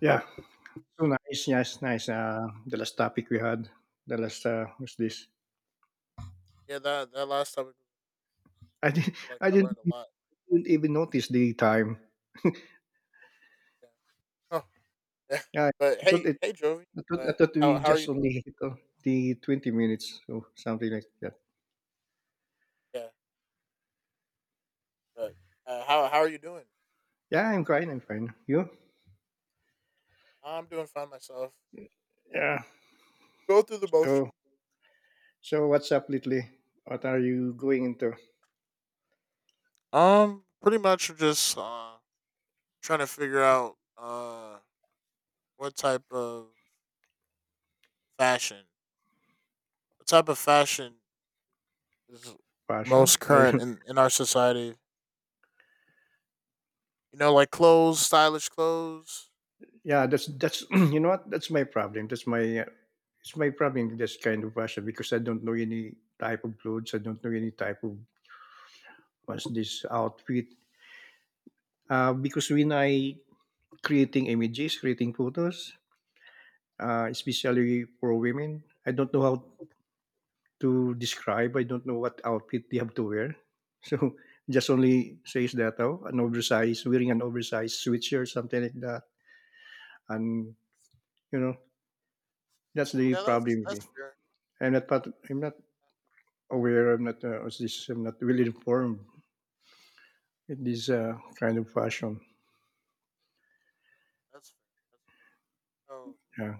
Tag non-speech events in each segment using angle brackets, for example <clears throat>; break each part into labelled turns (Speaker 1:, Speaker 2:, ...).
Speaker 1: Yeah. So nice, yes, nice. The last topic we had, the last was this.
Speaker 2: Yeah, that last topic, I
Speaker 1: I didn't,
Speaker 2: feel
Speaker 1: <laughs>
Speaker 2: like
Speaker 1: I
Speaker 2: I learned
Speaker 1: didn't, e,
Speaker 2: a lot.
Speaker 1: didn't even notice the time.
Speaker 2: Yeah. Huh. Yeah.
Speaker 1: Yeah,
Speaker 2: <laughs> But
Speaker 1: I thought
Speaker 2: hey,
Speaker 1: it.
Speaker 2: Jovi,
Speaker 1: I thought, I
Speaker 2: uh,
Speaker 1: thought
Speaker 2: how
Speaker 1: we
Speaker 2: are you
Speaker 1: just only
Speaker 2: doing?
Speaker 1: hit on the 20 minutes or something like that.
Speaker 2: Yeah. But how are you doing?
Speaker 1: Yeah, I'm fine. I'm fine. You?
Speaker 2: I'm doing fine myself.
Speaker 1: Yeah.
Speaker 2: Go through the motion.
Speaker 1: So, so what's up lately? What are you going into?
Speaker 2: Pretty much just trying to figure out what type of fashion, fashion is
Speaker 1: Passion?
Speaker 2: most
Speaker 1: I
Speaker 2: current
Speaker 1: don't. <laughs>
Speaker 2: in our society. You know, like clothes, stylish clothes.
Speaker 1: Yeah, that's. <clears throat> You know what? That's my problem. That's my. It's my problem. This kind of passion because I don't know any type of clothes. I don't know any type of what's this outfit? Because when I creating images, creating photos, especially for women, I don't know how to describe. I don't know what outfit they have to wear. <laughs> So just only says that oh, an oversized wearing an oversized sweatshirt, something like that, and you know that's the
Speaker 2: Yeah, that's
Speaker 1: problem with
Speaker 2: that's
Speaker 1: me.
Speaker 2: fair.
Speaker 1: I'm not aware. I'm not what's this. I'm not well informed in this kind of fashion.
Speaker 2: That's fair. That's, oh.
Speaker 1: Yeah,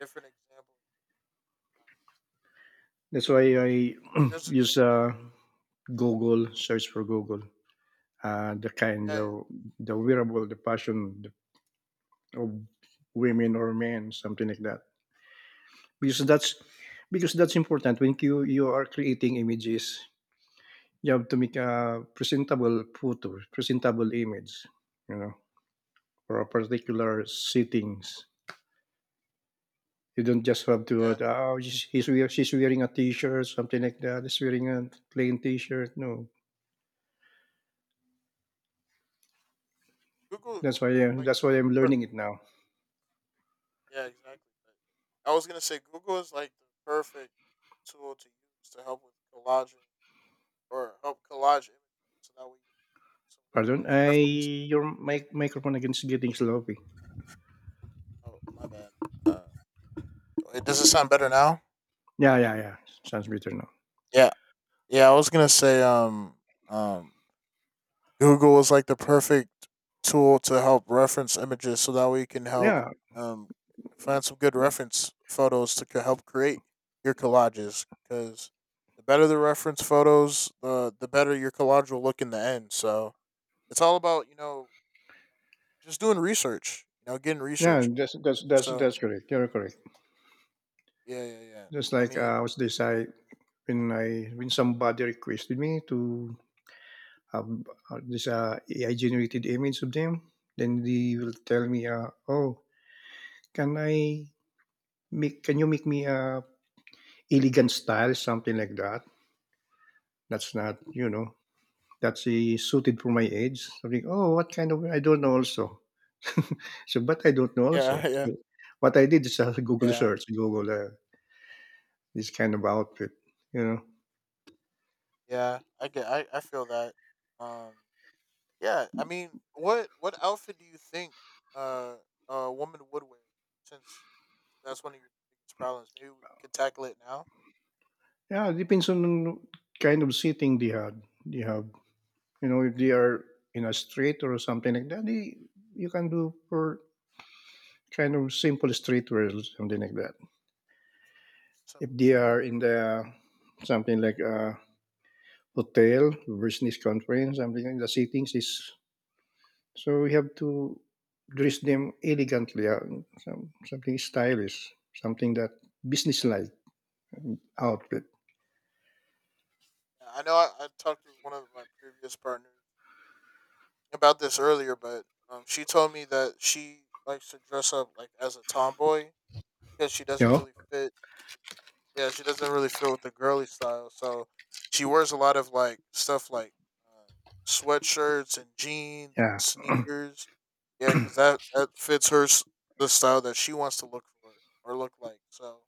Speaker 2: Different examples. Uh,
Speaker 1: that's why I
Speaker 2: It
Speaker 1: <clears throat>
Speaker 2: doesn't.
Speaker 1: use. Google, search for Google, the kind
Speaker 2: Yeah, yeah,
Speaker 1: of the wearable, the passion of women or men, something like that. Because that's because that's important. When you are creating images, you have to make a presentable photo, presentable image, you know, for a particular settings. You don't just have to
Speaker 2: yeah.
Speaker 1: oh she's wearing a t-shirt, something like that. She's wearing a plain t-shirt. No,
Speaker 2: Google, Google's like,
Speaker 1: that's why I'm
Speaker 2: per-
Speaker 1: learning it now.
Speaker 2: yeah, exactly. But I was gonna say Google is like the perfect tool to use to help with collaging or help collage images, so that way you get some really
Speaker 1: Pardon?
Speaker 2: nice
Speaker 1: I
Speaker 2: reference.
Speaker 1: your microphone against getting sloppy.
Speaker 2: Oh, my bad. Uh, Wait, does it sound better now?
Speaker 1: Yeah, yeah, yeah. Sounds better now.
Speaker 2: Yeah, yeah. I was gonna say, um. Google is like the perfect tool to help reference images, so that way you can help
Speaker 1: Yeah,
Speaker 2: um, find some good reference photos to help create your collages. Because the better the reference photos, the better your collage will look in the end. So it's all about, just doing research, you know, getting
Speaker 1: yeah.
Speaker 2: research.
Speaker 1: That's that's that's
Speaker 2: So
Speaker 1: that's correct. You're correct.
Speaker 2: yeah, yeah.
Speaker 1: Just
Speaker 2: I
Speaker 1: like
Speaker 2: mean,
Speaker 1: was this I when somebody requested me to have this AI generated image of them, then they will tell me, oh, can I make? Can you make me a elegant style, something like that? That's not, that's suited for my age. Something. Oh, what kind of? I don't know. Also. <laughs> So, but I don't know
Speaker 2: yeah,
Speaker 1: also.
Speaker 2: <laughs> yeah,
Speaker 1: So what I did is a <laughs> Google
Speaker 2: yeah,
Speaker 1: search, Google this kind of outfit, you know.
Speaker 2: yeah. I get, I feel that. Um, Yeah, I mean, what outfit do you think uh, a woman would wear? Since that's one of your biggest problems, maybe we could tackle it now.
Speaker 1: Yeah, it depends on kind of seating they had. They have, you know, if they are in a street or something like that, you can do for kind of simple streetwear or something like that.
Speaker 2: Simple
Speaker 1: If they
Speaker 2: street.
Speaker 1: are in the something like a hotel, business conference, something like the seatings is. So we have to dress them elegantly, something stylish, something that
Speaker 2: Yeah,
Speaker 1: business-like outfit,
Speaker 2: yeah, I know. I talked to one of my previous partners about this earlier, but she told me that she likes to dress up like as a tomboy because she
Speaker 1: you
Speaker 2: doesn't
Speaker 1: know?
Speaker 2: really fit. Yeah, she doesn't really fit with the girly style. So she wears a lot of like stuff like uh, sweatshirts and jeans and
Speaker 1: Yeah, <clears throat>
Speaker 2: sneakers. Yeah, because that fits her the style that she wants to look for or look like. So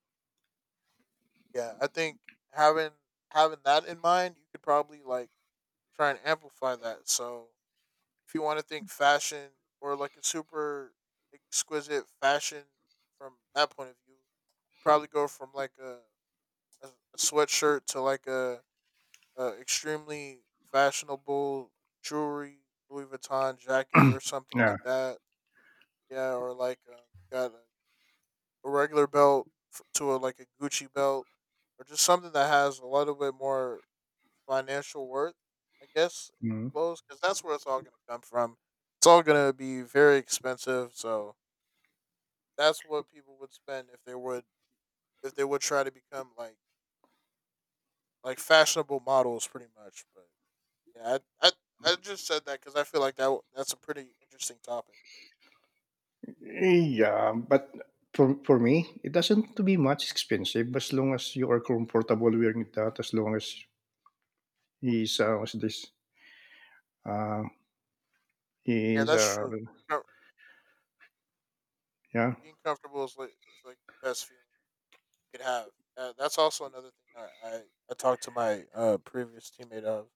Speaker 2: yeah, I think having having that in mind, you could probably like try and amplify that. So if you want to think fashion or like a super exquisite fashion from that point of view, probably go from like a sweatshirt to like a extremely fashionable jewelry Louis Vuitton jacket or something
Speaker 1: yeah,
Speaker 2: like that. Yeah, or like got a regular belt to a, like a Gucci belt, or just something that has a little bit more financial worth, I guess, in
Speaker 1: mm,
Speaker 2: clothes, because that's where it's all going to come from. It's all going to be very expensive, so that's what people would spend if they would try to become like fashionable models, pretty much. But yeah, I just said that because I feel like that's a pretty interesting topic.
Speaker 1: yeah. But for me, it doesn't have to be much expensive as long as you are comfortable wearing that. As long as he's what's this? Uh,
Speaker 2: Yeah,
Speaker 1: he's
Speaker 2: that's true. Co-
Speaker 1: yeah,
Speaker 2: Being comfortable is like the best feeling you could have. That's also another thing I talked to my previous teammate of.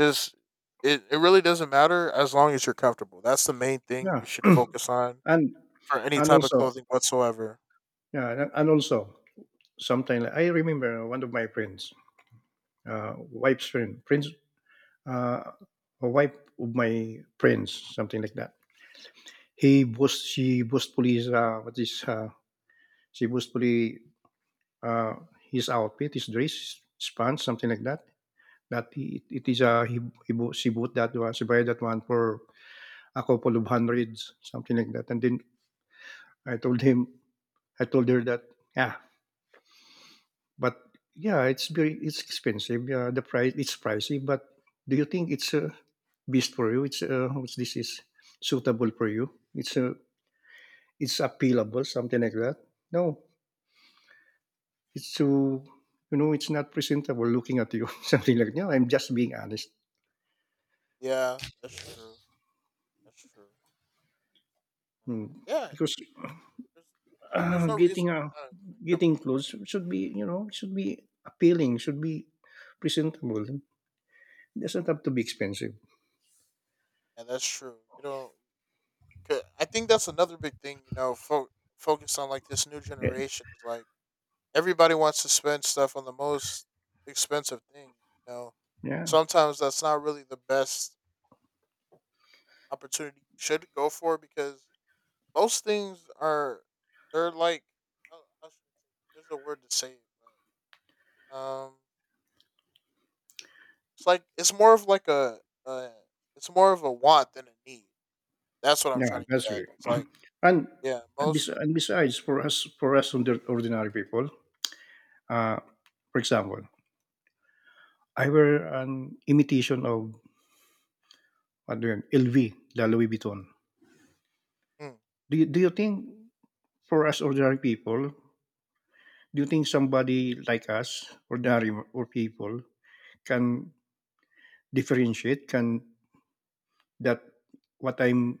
Speaker 2: Just it really doesn't matter as long as you're comfortable. That's the main thing
Speaker 1: yeah,
Speaker 2: you should focus
Speaker 1: <clears throat>
Speaker 2: on
Speaker 1: and
Speaker 2: for any
Speaker 1: and
Speaker 2: type of
Speaker 1: also
Speaker 2: clothing whatsoever.
Speaker 1: yeah, and also sometimes I remember one of my friends, wife's friend, friends uh, a wife of my friends, something like that. She boastfully, she boastfully, uh, his outfit, his dress, his pants, something like that. That he, it is, he bought, she bought that one, she buy that one for a couple of hundreds, something like that. And then I told him, I told her that, yeah, but yeah, it's expensive. Yeah, the price, it's pricey, but do you think it's a beast for you? It's, what's this is suitable for you? It's a it's appealable, something like that. No, it's too, it's not presentable looking at you, <laughs> something like that. No, I'm just being honest.
Speaker 2: Yeah, that's true. That's true. Um,
Speaker 1: Hmm.
Speaker 2: yeah,
Speaker 1: Because
Speaker 2: there's, there's no reason
Speaker 1: getting
Speaker 2: why. Come,
Speaker 1: getting clothes should be, should be appealing, should be presentable. It doesn't have to be expensive.
Speaker 2: yeah, that's true. You don't 'Cause I think that's another big thing, you know, focus on like this new
Speaker 1: Yeah,
Speaker 2: generation is like everybody wants to spend stuff on the most expensive thing, you know.
Speaker 1: yeah,
Speaker 2: Sometimes that's not really the best opportunity you should go for because most things are, they're like, how should I say, there's a word to say it, but um it's like it's more of like a it's more of a want than a need. That's what I'm
Speaker 1: yeah,
Speaker 2: trying to get
Speaker 1: that's
Speaker 2: at.
Speaker 1: right.
Speaker 2: It's like
Speaker 1: And
Speaker 2: yeah,
Speaker 1: and, bes-
Speaker 2: most
Speaker 1: and besides, for us ordinary people, uh, for example, I wear an imitation of LV, the Louis Vuitton.
Speaker 2: hmm.
Speaker 1: Do you think for us ordinary people, do you think somebody like us, ordinary or people, can differentiate? Can that what I'm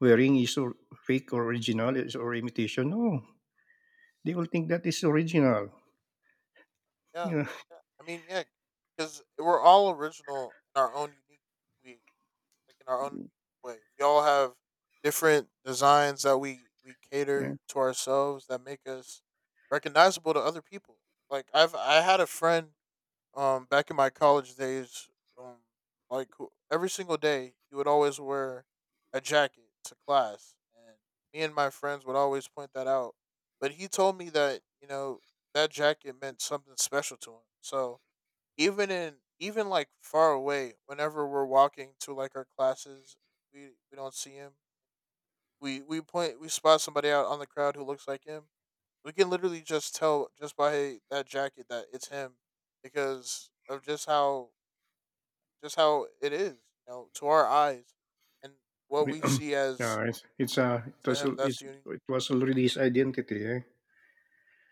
Speaker 1: wearing is or fake or original is or imitation? No, they will think that is original.
Speaker 2: Yeah,
Speaker 1: Yeah,
Speaker 2: yeah. I mean, yeah, because we're all original in our own unique way, like in our own way. We all have different designs that we
Speaker 1: yeah,
Speaker 2: cater to ourselves that make us recognizable to other people. Like I had a friend back in my college days, um, like every single day, he would always wear a jacket to class, and me and my friends would always point that out. But he told me that you know that jacket meant something special to him. So even like far away, whenever we're walking to like our classes, we don't see him. We spot somebody out on the crowd who looks like him. We can literally just tell just by that jacket that it's him because of just how it is, you know, to our eyes and what we
Speaker 1: <clears throat>
Speaker 2: see as
Speaker 1: yeah. It's, it's uh, it
Speaker 2: to
Speaker 1: was
Speaker 2: him that's
Speaker 1: it's,
Speaker 2: unique.
Speaker 1: it was already his identity. Eh?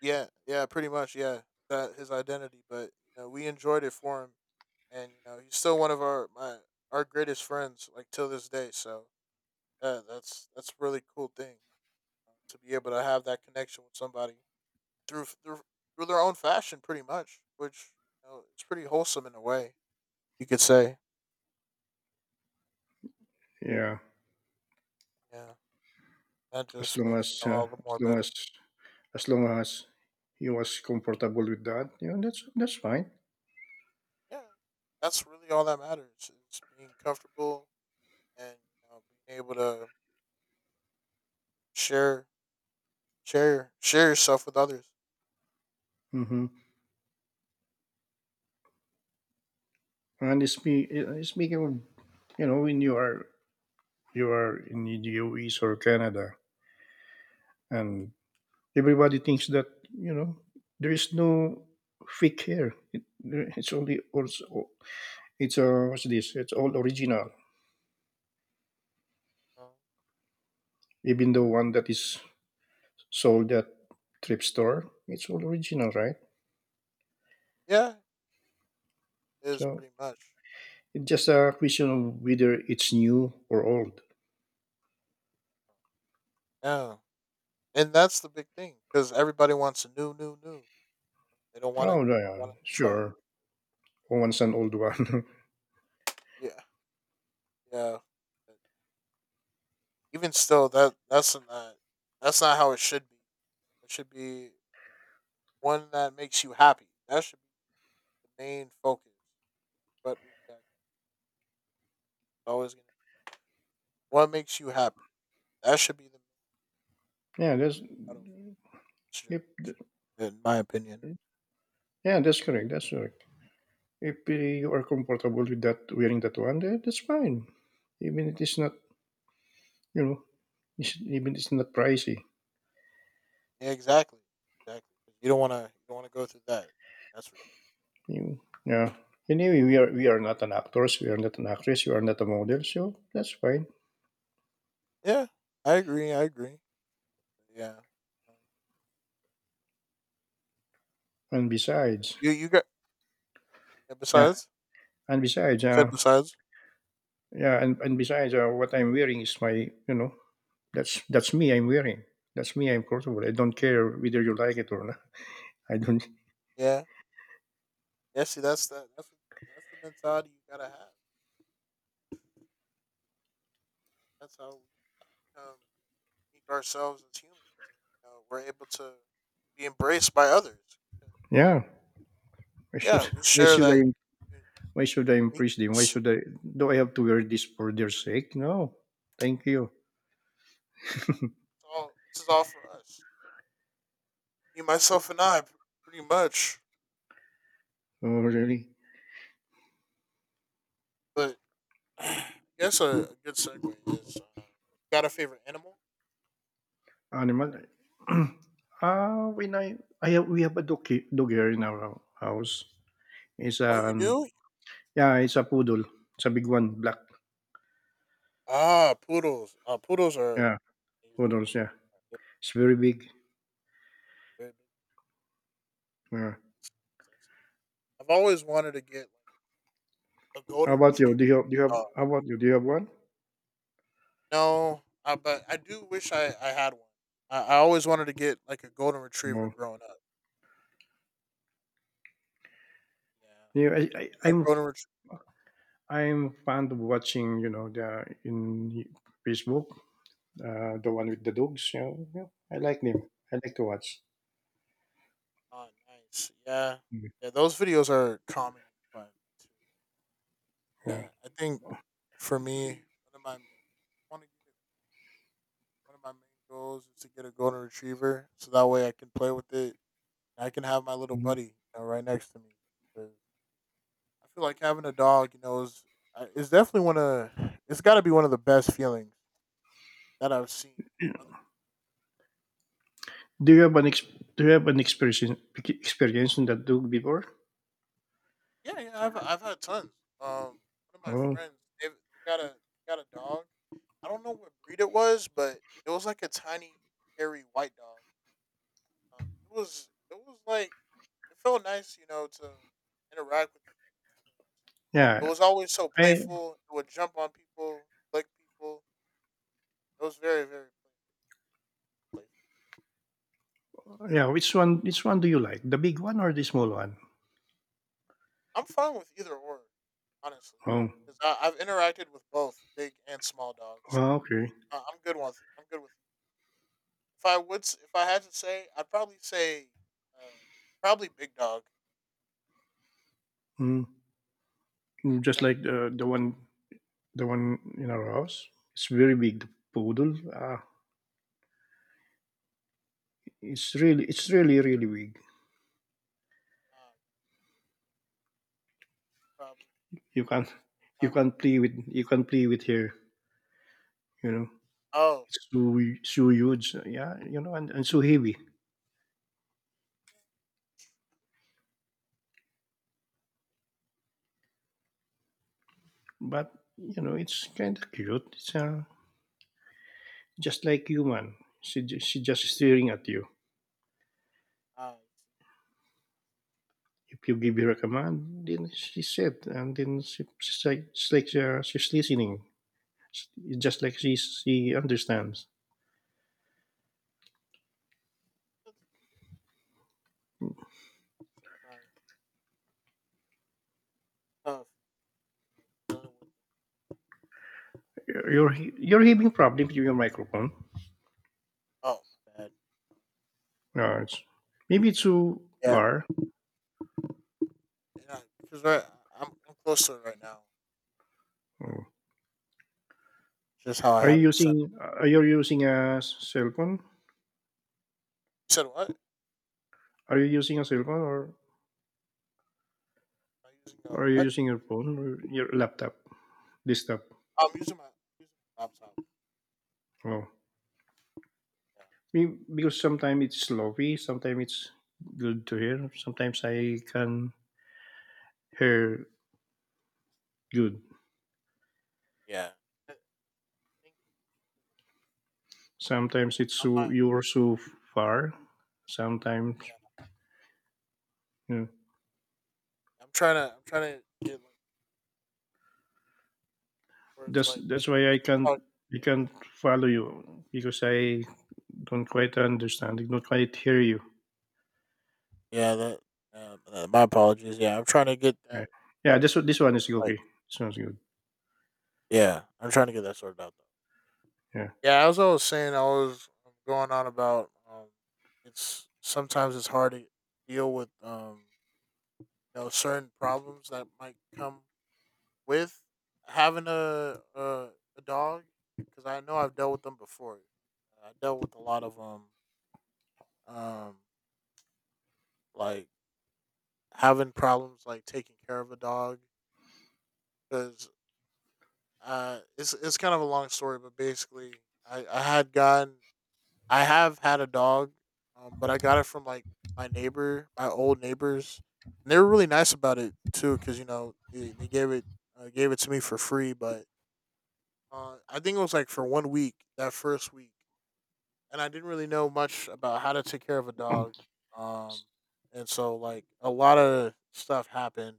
Speaker 2: Yeah, yeah, pretty much, yeah. That his identity, but you know, we enjoyed it for him and you know, he's still one of our greatest friends like till this day. So, yeah, that's a really cool thing to be able to have that connection with somebody through through through their own fashion, pretty much, which you know, it's pretty wholesome in a way you could say.
Speaker 1: Yeah,
Speaker 2: Yeah, that
Speaker 1: as
Speaker 2: just
Speaker 1: long
Speaker 2: makes
Speaker 1: as
Speaker 2: it all the more better.
Speaker 1: as long as he was comfortable with that, yeah, that's fine.
Speaker 2: Yeah, that's really all that matters is being comfortable and you know, being able to share share yourself with others.
Speaker 1: Mhm. And spe-
Speaker 2: But,
Speaker 1: uh, speaking of, when you are in the US or Canada, and everybody thinks that you know there is no fake hair. It's only also it's what's this? It's all original.
Speaker 2: um,
Speaker 1: Even the one that is sold at thrift store, it's all original, right?
Speaker 2: yeah, is
Speaker 1: So
Speaker 2: pretty much.
Speaker 1: it's just a question of whether it's new or old.
Speaker 2: Yeah, and that's the big thing because everybody wants a new, new, new. They don't want to
Speaker 1: Oh yeah,
Speaker 2: try.
Speaker 1: sure. Oh, one's an old one.
Speaker 2: Yeah, yeah. Even still, that's not how it should be. It should be one that makes you happy. That should be the main focus. But we got always gonna be what makes you happy. That should be the
Speaker 1: <laughs>
Speaker 2: main
Speaker 1: yeah, there's
Speaker 2: motto for this
Speaker 1: if
Speaker 2: generation, in my opinion.
Speaker 1: yeah, that's correct.
Speaker 2: Yeah,
Speaker 1: That's correct. If you are comfortable with that wearing that one, then that's fine. Even it is not, you know, even it's not pricey.
Speaker 2: yeah, exactly, exactly. You don't want to go through that. That's for sure.
Speaker 1: You, yeah. Anyway, we are not an actors, we are not an actress, we are not a model, so that's fine.
Speaker 2: Yeah, I agree. I agree. Yeah. Um,
Speaker 1: And besides,
Speaker 2: You you got yeah,
Speaker 1: yeah,
Speaker 2: besides
Speaker 1: and besides,
Speaker 2: you said besides
Speaker 1: yeah, and besides, what I'm wearing is my, that's me. I'm wearing. That's me. I'm comfortable. I don't care whether you like it or not. I don't.
Speaker 2: yeah yeah. See that's the mentality you gotta have. That's how we make ourselves as humans. And, you we're able to be embraced by others.
Speaker 1: Yeah. Why should
Speaker 2: Yeah, we
Speaker 1: why
Speaker 2: share
Speaker 1: should
Speaker 2: that
Speaker 1: I
Speaker 2: u-
Speaker 1: Why should I
Speaker 2: uniqueness.
Speaker 1: impress them? Why
Speaker 2: It's
Speaker 1: should I? Do I have to wear this for their sake? No, thank you.
Speaker 2: all, this is all for us. You, myself, and I, pretty much.
Speaker 1: Oh, really?
Speaker 2: But <clears throat> I guess a good segue is got a favorite animal?
Speaker 1: Animal? <clears throat> Ah, when we have a dog, dog here in our house. It's
Speaker 2: Oh, you
Speaker 1: an,
Speaker 2: do?
Speaker 1: yeah, it's a poodle. It's a big one, black.
Speaker 2: Ah, poodles. Poodles are
Speaker 1: Yeah,
Speaker 2: amazing.
Speaker 1: poodles. Yeah,
Speaker 2: They're
Speaker 1: it's very big.
Speaker 2: very big.
Speaker 1: Yeah.
Speaker 2: That's nice. I've always wanted to get like a
Speaker 1: How
Speaker 2: golden
Speaker 1: about you?
Speaker 2: retriever.
Speaker 1: Do you have? How about you? Do you have one?
Speaker 2: No, but I do wish I had one. I always wanted to get like a golden retriever
Speaker 1: No.
Speaker 2: growing up.
Speaker 1: Yeah,
Speaker 2: Yeah, a golden retriever.
Speaker 1: I'm fond of watching. You know, the in Facebook, the one with the dogs. You know, yeah, I like them. I like to watch.
Speaker 2: Oh, nice. Yeah,
Speaker 1: Mhm.
Speaker 2: yeah. Those videos are calming and fun too.
Speaker 1: Yeah.
Speaker 2: Yeah, I think for me, one of my one of, one of my main goals is to get a golden retriever, so that way I can play with it. I can have my little
Speaker 1: Mhm.
Speaker 2: buddy you know, right next to me. 'Cause I feel like having a dog, you know, is it's definitely one of it's got to be one of the best feelings that I've seen. Other people.
Speaker 1: Do you have an ex- Do you have an experience in that dog before?
Speaker 2: Yeah, yeah, I've had tons. Um, One of my
Speaker 1: Oh,
Speaker 2: friends, they got a got a dog. I don't know what breed it was, but it was like a tiny, hairy white dog. It was like it felt nice, you know, to interact with it. It
Speaker 1: yeah.
Speaker 2: was always so
Speaker 1: I
Speaker 2: playful. It would jump on people, lick people. It was very playful.
Speaker 1: yeah. Which one do you like? The big one or the small one?
Speaker 2: I'm fine with either or, honestly,
Speaker 1: Oh,
Speaker 2: because I've interacted with both big and small dogs, so
Speaker 1: oh, okay.
Speaker 2: I'm good with If I would, if I had to say, I'd probably say, uh, probably Big Dog.
Speaker 1: Mm. Mm, just
Speaker 2: Yeah,
Speaker 1: like the one in our house. It's very big. The poodle. It's really really big.
Speaker 2: uh, probably
Speaker 1: You can't
Speaker 2: have to.
Speaker 1: you can't play with her. You know.
Speaker 2: Oh,
Speaker 1: It's too so huge, yeah, and so heavy. But you know, it's kind of cute. It's just like human. She just staring at you.
Speaker 2: uh,
Speaker 1: If you give her a command, then she said, and then she's listening. It's just like she understands.
Speaker 2: sometimes tough dealing with the
Speaker 1: You're
Speaker 2: pressure.
Speaker 1: having problem with your microphone.
Speaker 2: Oh, my bad. All
Speaker 1: No,
Speaker 2: right.
Speaker 1: it's maybe too
Speaker 2: Yeah,
Speaker 1: far.
Speaker 2: yeah, because right, I'm close to it right now, but
Speaker 1: Mm.
Speaker 2: just how I
Speaker 1: Are you
Speaker 2: have it set.
Speaker 1: using are you using a cell phone?
Speaker 2: You said what? Am
Speaker 1: Are you using a cell phone or
Speaker 2: I using a
Speaker 1: Or you're
Speaker 2: what?
Speaker 1: using your phone or your laptop, desktop.
Speaker 2: Oh, I'm using my laptop.
Speaker 1: Oh.
Speaker 2: Yeah,
Speaker 1: Because sometimes it's sloppy, sometimes it's good to hear. Sometimes I can hear good.
Speaker 2: yeah. I think
Speaker 1: Sometimes it's
Speaker 2: I might.
Speaker 1: so you're so far. Sometimes
Speaker 2: Yeah,
Speaker 1: you know.
Speaker 2: I'm trying to get like where it's
Speaker 1: That's
Speaker 2: like
Speaker 1: that's why
Speaker 2: I can talk.
Speaker 1: I can't follow you because I don't quite understand. I don't quite hear you.
Speaker 2: Yeah, my apologies. Yeah, I'm trying to get
Speaker 1: Yeah.
Speaker 2: that
Speaker 1: Yeah,
Speaker 2: sorted out.
Speaker 1: this one is
Speaker 2: Like,
Speaker 1: okay. This one's good.
Speaker 2: yeah, I'm trying to get that sorted out though.
Speaker 1: Yeah.
Speaker 2: Yeah, as I was saying, I was going on about it's sometimes it's hard to deal with you know, certain problems that might come with having a dog because I know I've dealt with them before. I dealt with a lot of um like having problems like taking care of a dog because it's kind of a long story, but basically, I I had gotten I have had a dog, but I got it from like my neighbor, my old neighbors, and they were really nice about it too, because they gave it to me for free, but I think it was like for one week that first week, and I didn't really know much about how to take care of a dog, um, and so like a lot of stuff happened,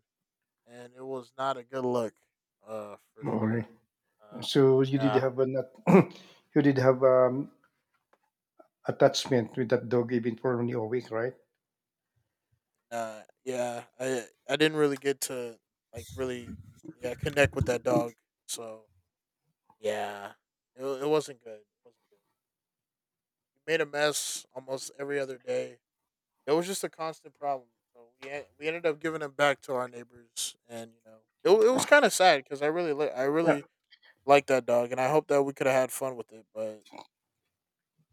Speaker 2: and it was not a good look, for
Speaker 1: Okay.
Speaker 2: sure. uh,
Speaker 1: So you did
Speaker 2: yeah.
Speaker 1: have a not <coughs> <clears throat> you did have a attachment with that dog even for only a week, right?
Speaker 2: Yeah, I didn't really get to like really yeah connect with that dog. So yeah, it wasn't good. It wasn't good. We made a mess almost every other day. It was just a constant problem. So we ended up giving it back to our neighbors, and it was kind of sad because I really li- I
Speaker 1: Yeah.
Speaker 2: really liked that dog, and I hope that we could have had fun with it. But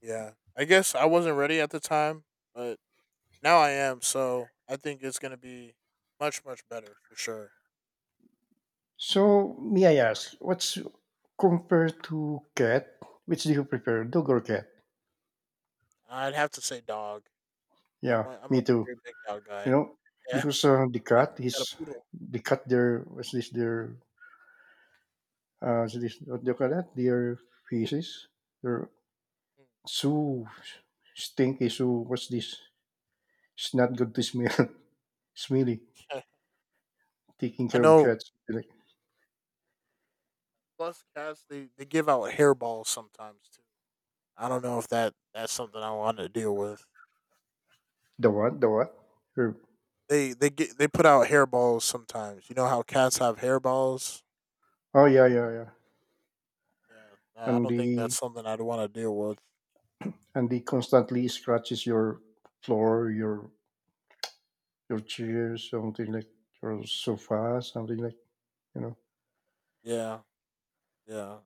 Speaker 2: yeah, I guess I wasn't ready at the time, but now I am. So I think it's gonna be much much better for sure.
Speaker 1: So may I ask, what's compared to cat? Which do you prefer, dog or cat?
Speaker 2: I'd have to say dog. I'm
Speaker 1: Yeah,
Speaker 2: a I'm a
Speaker 1: me too.
Speaker 2: very big dog
Speaker 1: You
Speaker 2: guy.
Speaker 1: know,
Speaker 2: Yeah,
Speaker 1: because
Speaker 2: yeah, got a poodle.
Speaker 1: the cat. Their what's this? Their what's this what do you call that? Their feces. They're
Speaker 2: Mm,
Speaker 1: so stinky. So what's this? It's not good to smell. <laughs> Smelly.
Speaker 2: yeah.
Speaker 1: Taking
Speaker 2: I
Speaker 1: care of
Speaker 2: know.
Speaker 1: cats. Like
Speaker 2: Plus, cats they give out hairballs sometimes too. I don't know if that's something I want to deal with.
Speaker 1: the what? The what? Her-
Speaker 2: They put out hairballs sometimes. You know how cats have hairballs.
Speaker 1: Oh yeah, yeah, yeah.
Speaker 2: Yeah, I
Speaker 1: And
Speaker 2: don't think
Speaker 1: the
Speaker 2: that's something I'd want to deal with.
Speaker 1: and he constantly scratches your floor, your chairs, something like your sofa, something like you know.
Speaker 2: Yeah, yeah,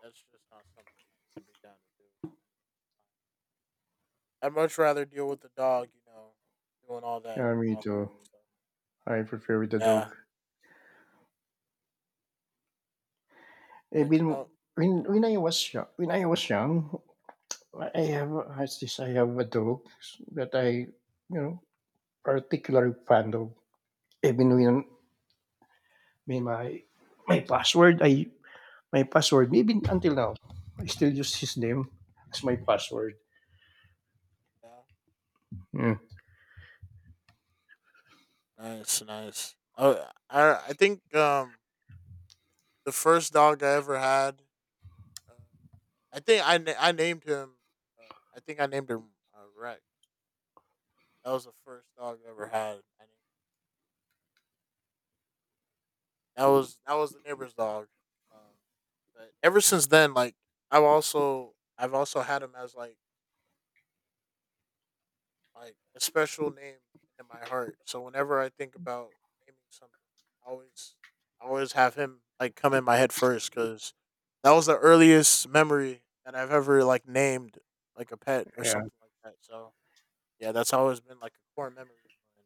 Speaker 2: that's just not something I'd be down to do. I'd much rather deal with the dog, you know, doing all that
Speaker 1: Yeah,
Speaker 2: than
Speaker 1: me
Speaker 2: all that
Speaker 1: too.
Speaker 2: other stuff.
Speaker 1: I prefer with the
Speaker 2: Yeah.
Speaker 1: dog. I've
Speaker 2: But
Speaker 1: been
Speaker 2: eh,
Speaker 1: when I was young, I have as this I have a dog that I you know particularly fond of. Even when may my password, I my password maybe until now I still use his name as my password.
Speaker 2: yeah,
Speaker 1: Hmm,
Speaker 2: nice, nice. Oh, I think the first dog I ever had, uh, I think I named him. Uh, I think I named him Rex. That was the first dog I ever had. I named, that was the neighbor's dog. Um, but ever since then, like I've also had him as like a special name in my heart. So whenever I think about naming something, I always I always have him like come in my head first because that was the earliest memory that I've ever like named like a pet or
Speaker 1: yeah.
Speaker 2: something like that. So yeah, that's always been like a core memory of mine.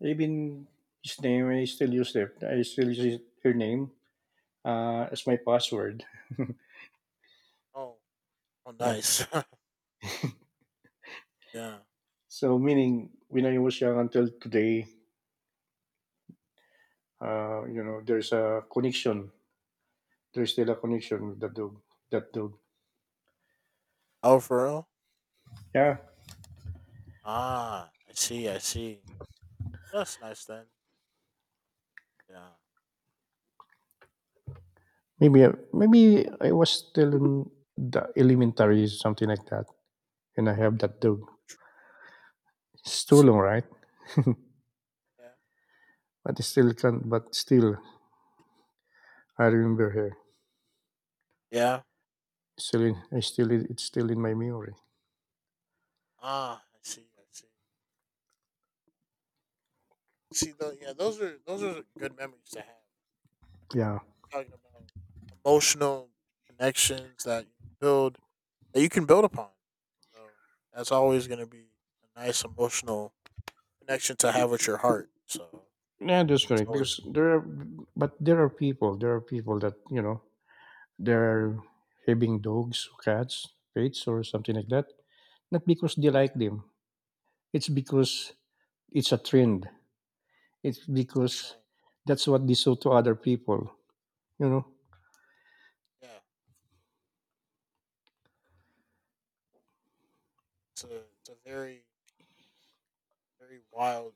Speaker 1: Even his name, I still use it. I still use her name as my password.
Speaker 2: Oh, oh,
Speaker 1: Yeah.
Speaker 2: nice. <laughs> yeah.
Speaker 1: So meaning when I was young until today, there's a connection. There's still a connection with that dog. That dog.
Speaker 2: Oh, for real?
Speaker 1: Yeah.
Speaker 2: Ah, I see. I see. Well, that's nice then. Yeah. I
Speaker 1: Maybe maybe I was still in the elementary, something like that, and I have that dog. It's too
Speaker 2: see.
Speaker 1: long, right? <laughs> but
Speaker 2: Yeah.
Speaker 1: still can. But still, I remember her.
Speaker 2: Yeah.
Speaker 1: I still it's still in my memory.
Speaker 2: Ah, I see. I see. See, though, yeah, those are good memories to have.
Speaker 1: Yeah.
Speaker 2: Talking about emotional connections that you build that you can build upon. So that's always going to be a nice emotional connection to have with your heart. So
Speaker 1: Yeah, that's
Speaker 2: it's
Speaker 1: correct.
Speaker 2: always
Speaker 1: Because but there are people that they're having dogs, cats, pets, or something like that. Not because they like
Speaker 2: yeah,
Speaker 1: them. It's because it's a trend. It's
Speaker 2: it's a
Speaker 1: because
Speaker 2: train.
Speaker 1: that's what they show to other people. You know.
Speaker 2: Yeah, it's a very very wild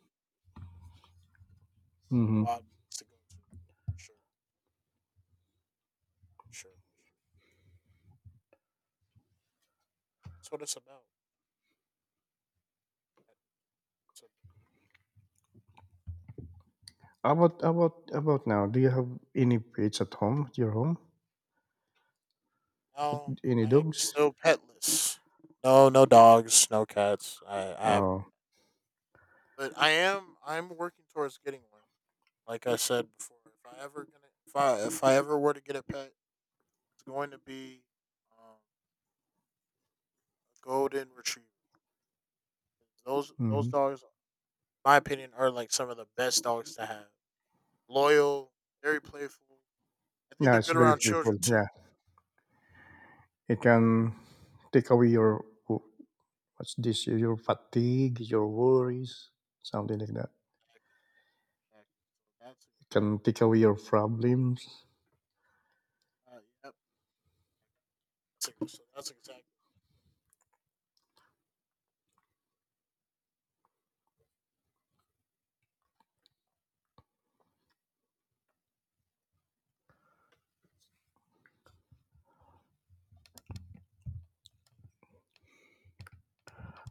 Speaker 1: Mm-hmm.
Speaker 2: wild place to go to. Sure, sure. That's what it's about. So
Speaker 1: How about now? Do you have any pets at home? At your home?
Speaker 2: now
Speaker 1: Any
Speaker 2: I am
Speaker 1: dogs?
Speaker 2: still petless. No, no dogs, no cats. I have no.
Speaker 1: Oh.
Speaker 2: But I'm working towards getting one. Like I said before, if I ever were to get a pet, it's going to be a golden retriever. Those
Speaker 1: Mm-hmm.
Speaker 2: dogs, in my opinion, are like some of the best dogs to have. Loyal, very playful. I think
Speaker 1: No,
Speaker 2: they're
Speaker 1: it's
Speaker 2: good
Speaker 1: very
Speaker 2: around children
Speaker 1: playful. Yeah,
Speaker 2: too.
Speaker 1: it can take away your. What's this? Your fatigue, your worries, something like that.
Speaker 2: Exactly. That's
Speaker 1: You can
Speaker 2: exactly.
Speaker 1: take away your problems.
Speaker 2: Uh, yep. So that's exactly.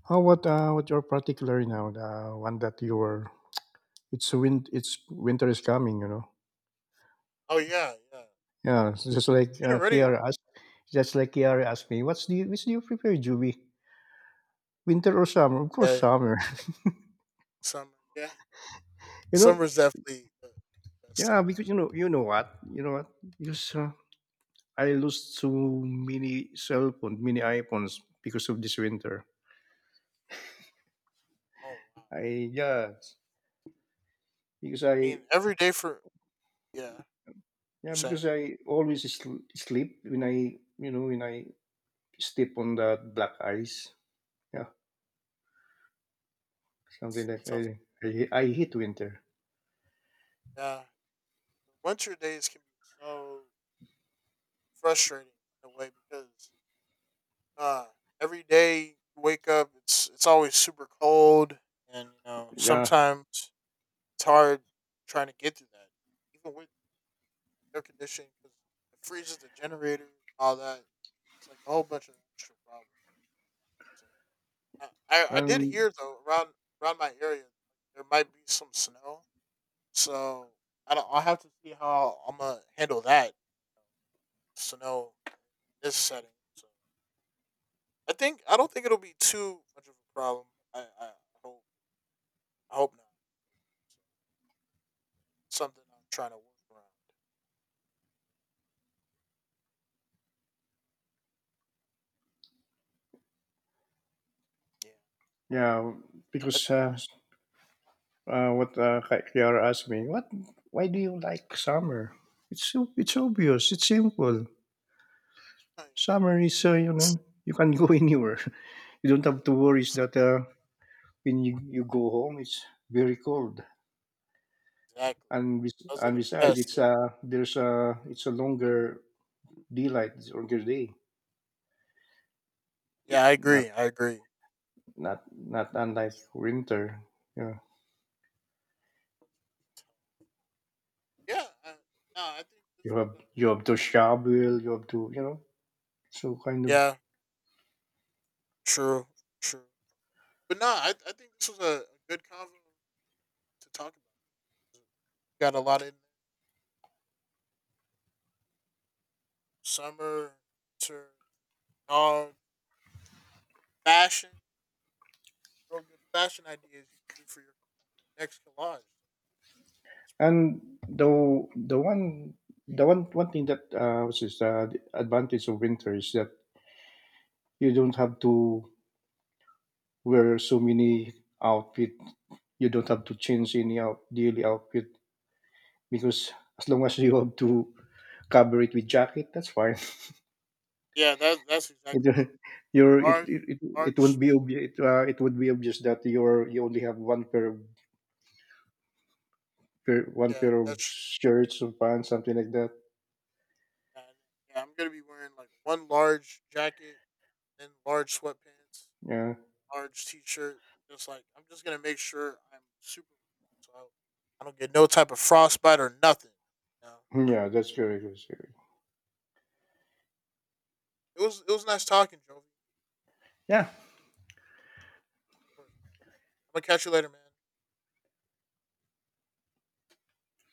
Speaker 1: How what? What you're particular now? The one that you were. It's winter is coming. You know.
Speaker 2: Oh yeah, yeah.
Speaker 1: Yeah, it's just like
Speaker 2: Getting ready.
Speaker 1: Kiara asked. Just like Kiara asked me, what's the which do you prefer, Juby? Winter or summer? Of course,
Speaker 2: Yeah.
Speaker 1: summer.
Speaker 2: Summer. Yeah.
Speaker 1: <laughs> you know.
Speaker 2: Summer's definitely the best time.
Speaker 1: Yeah, because you know what, you know what. Because I lost so many cell phones, many iPhones because of this winter.
Speaker 2: Oh wow.
Speaker 1: I yeah, because
Speaker 2: I
Speaker 1: I
Speaker 2: mean, every day for yeah, you're
Speaker 1: Yeah,
Speaker 2: saying
Speaker 1: because I always sleep when when I step on that black ice. Yeah, something
Speaker 2: that
Speaker 1: like
Speaker 2: sounds
Speaker 1: I hate winter.
Speaker 2: like yeah. Winter days can be so frustrating in a way because uh, every day you wake up, it's always super cold, and you know
Speaker 1: Yeah,
Speaker 2: sometimes it's hard trying to get through that, even with air conditioning because it freezes the generator, all that. It's like a whole bunch of extra problems. So, I did
Speaker 1: and
Speaker 2: hear though around my area there might be some snow. So I don't. I have to see how I'm gonna handle that. So no, this setting. So I think I don't think it'll be too much of a problem. I I hope I hope not. So, something I'm trying to work around. Yeah.
Speaker 1: yeah,
Speaker 2: I-
Speaker 1: because Kiara asked me, why do you like summer? It's so, it's obvious. It's simple.
Speaker 2: <laughs>
Speaker 1: Summer is, you
Speaker 2: s-
Speaker 1: know, you can go <laughs> anywhere. You don't have to worry
Speaker 2: s-
Speaker 1: that when you go home, it's very cold.
Speaker 2: Exactly.
Speaker 1: And
Speaker 2: Those are the
Speaker 1: besides,
Speaker 2: best
Speaker 1: it's
Speaker 2: things.
Speaker 1: a there's a it's a longer daylight, it's a longer day,
Speaker 2: Yeah, I
Speaker 1: not
Speaker 2: agree. I agree.
Speaker 1: not unlike winter. Yeah,
Speaker 2: Yeah. I, no, I think this was a.
Speaker 1: you have to shovel, you have to so kind of.
Speaker 2: Yeah. True. True. But no, I think this was a good convo to talk about. Got a lot in there. Summer, winter, dog, fashion, real good fashion ideas you can do for your next collage.
Speaker 1: And the the one the one one thing that which is the advantage of winter is that you don't have to wear so many outfit, you don't have to change any out daily outfit, because as long as you have to cover it with jacket, that's fine.
Speaker 2: Yeah, that's
Speaker 1: It
Speaker 2: exactly
Speaker 1: <laughs> you're
Speaker 2: what
Speaker 1: it it it, it
Speaker 2: arch.
Speaker 1: wouldn't be obvious, it would be obvious that you only have one pair of one
Speaker 2: Yeah,
Speaker 1: pair of
Speaker 2: that's
Speaker 1: shirts or pants, something like that,
Speaker 2: yeah, yeah. I'm gonna be wearing like one large jacket, then large sweatpants,
Speaker 1: yeah.
Speaker 2: large t-shirt. Just like I'm just gonna make sure I'm super, so I don't get no type of frostbite or nothing. You know? <laughs>
Speaker 1: Hmm,
Speaker 2: Huh.
Speaker 1: yeah, that's correct, good,
Speaker 2: It was nice talking, Jovi. Of
Speaker 1: yeah
Speaker 2: course. I'm gonna catch you later, man.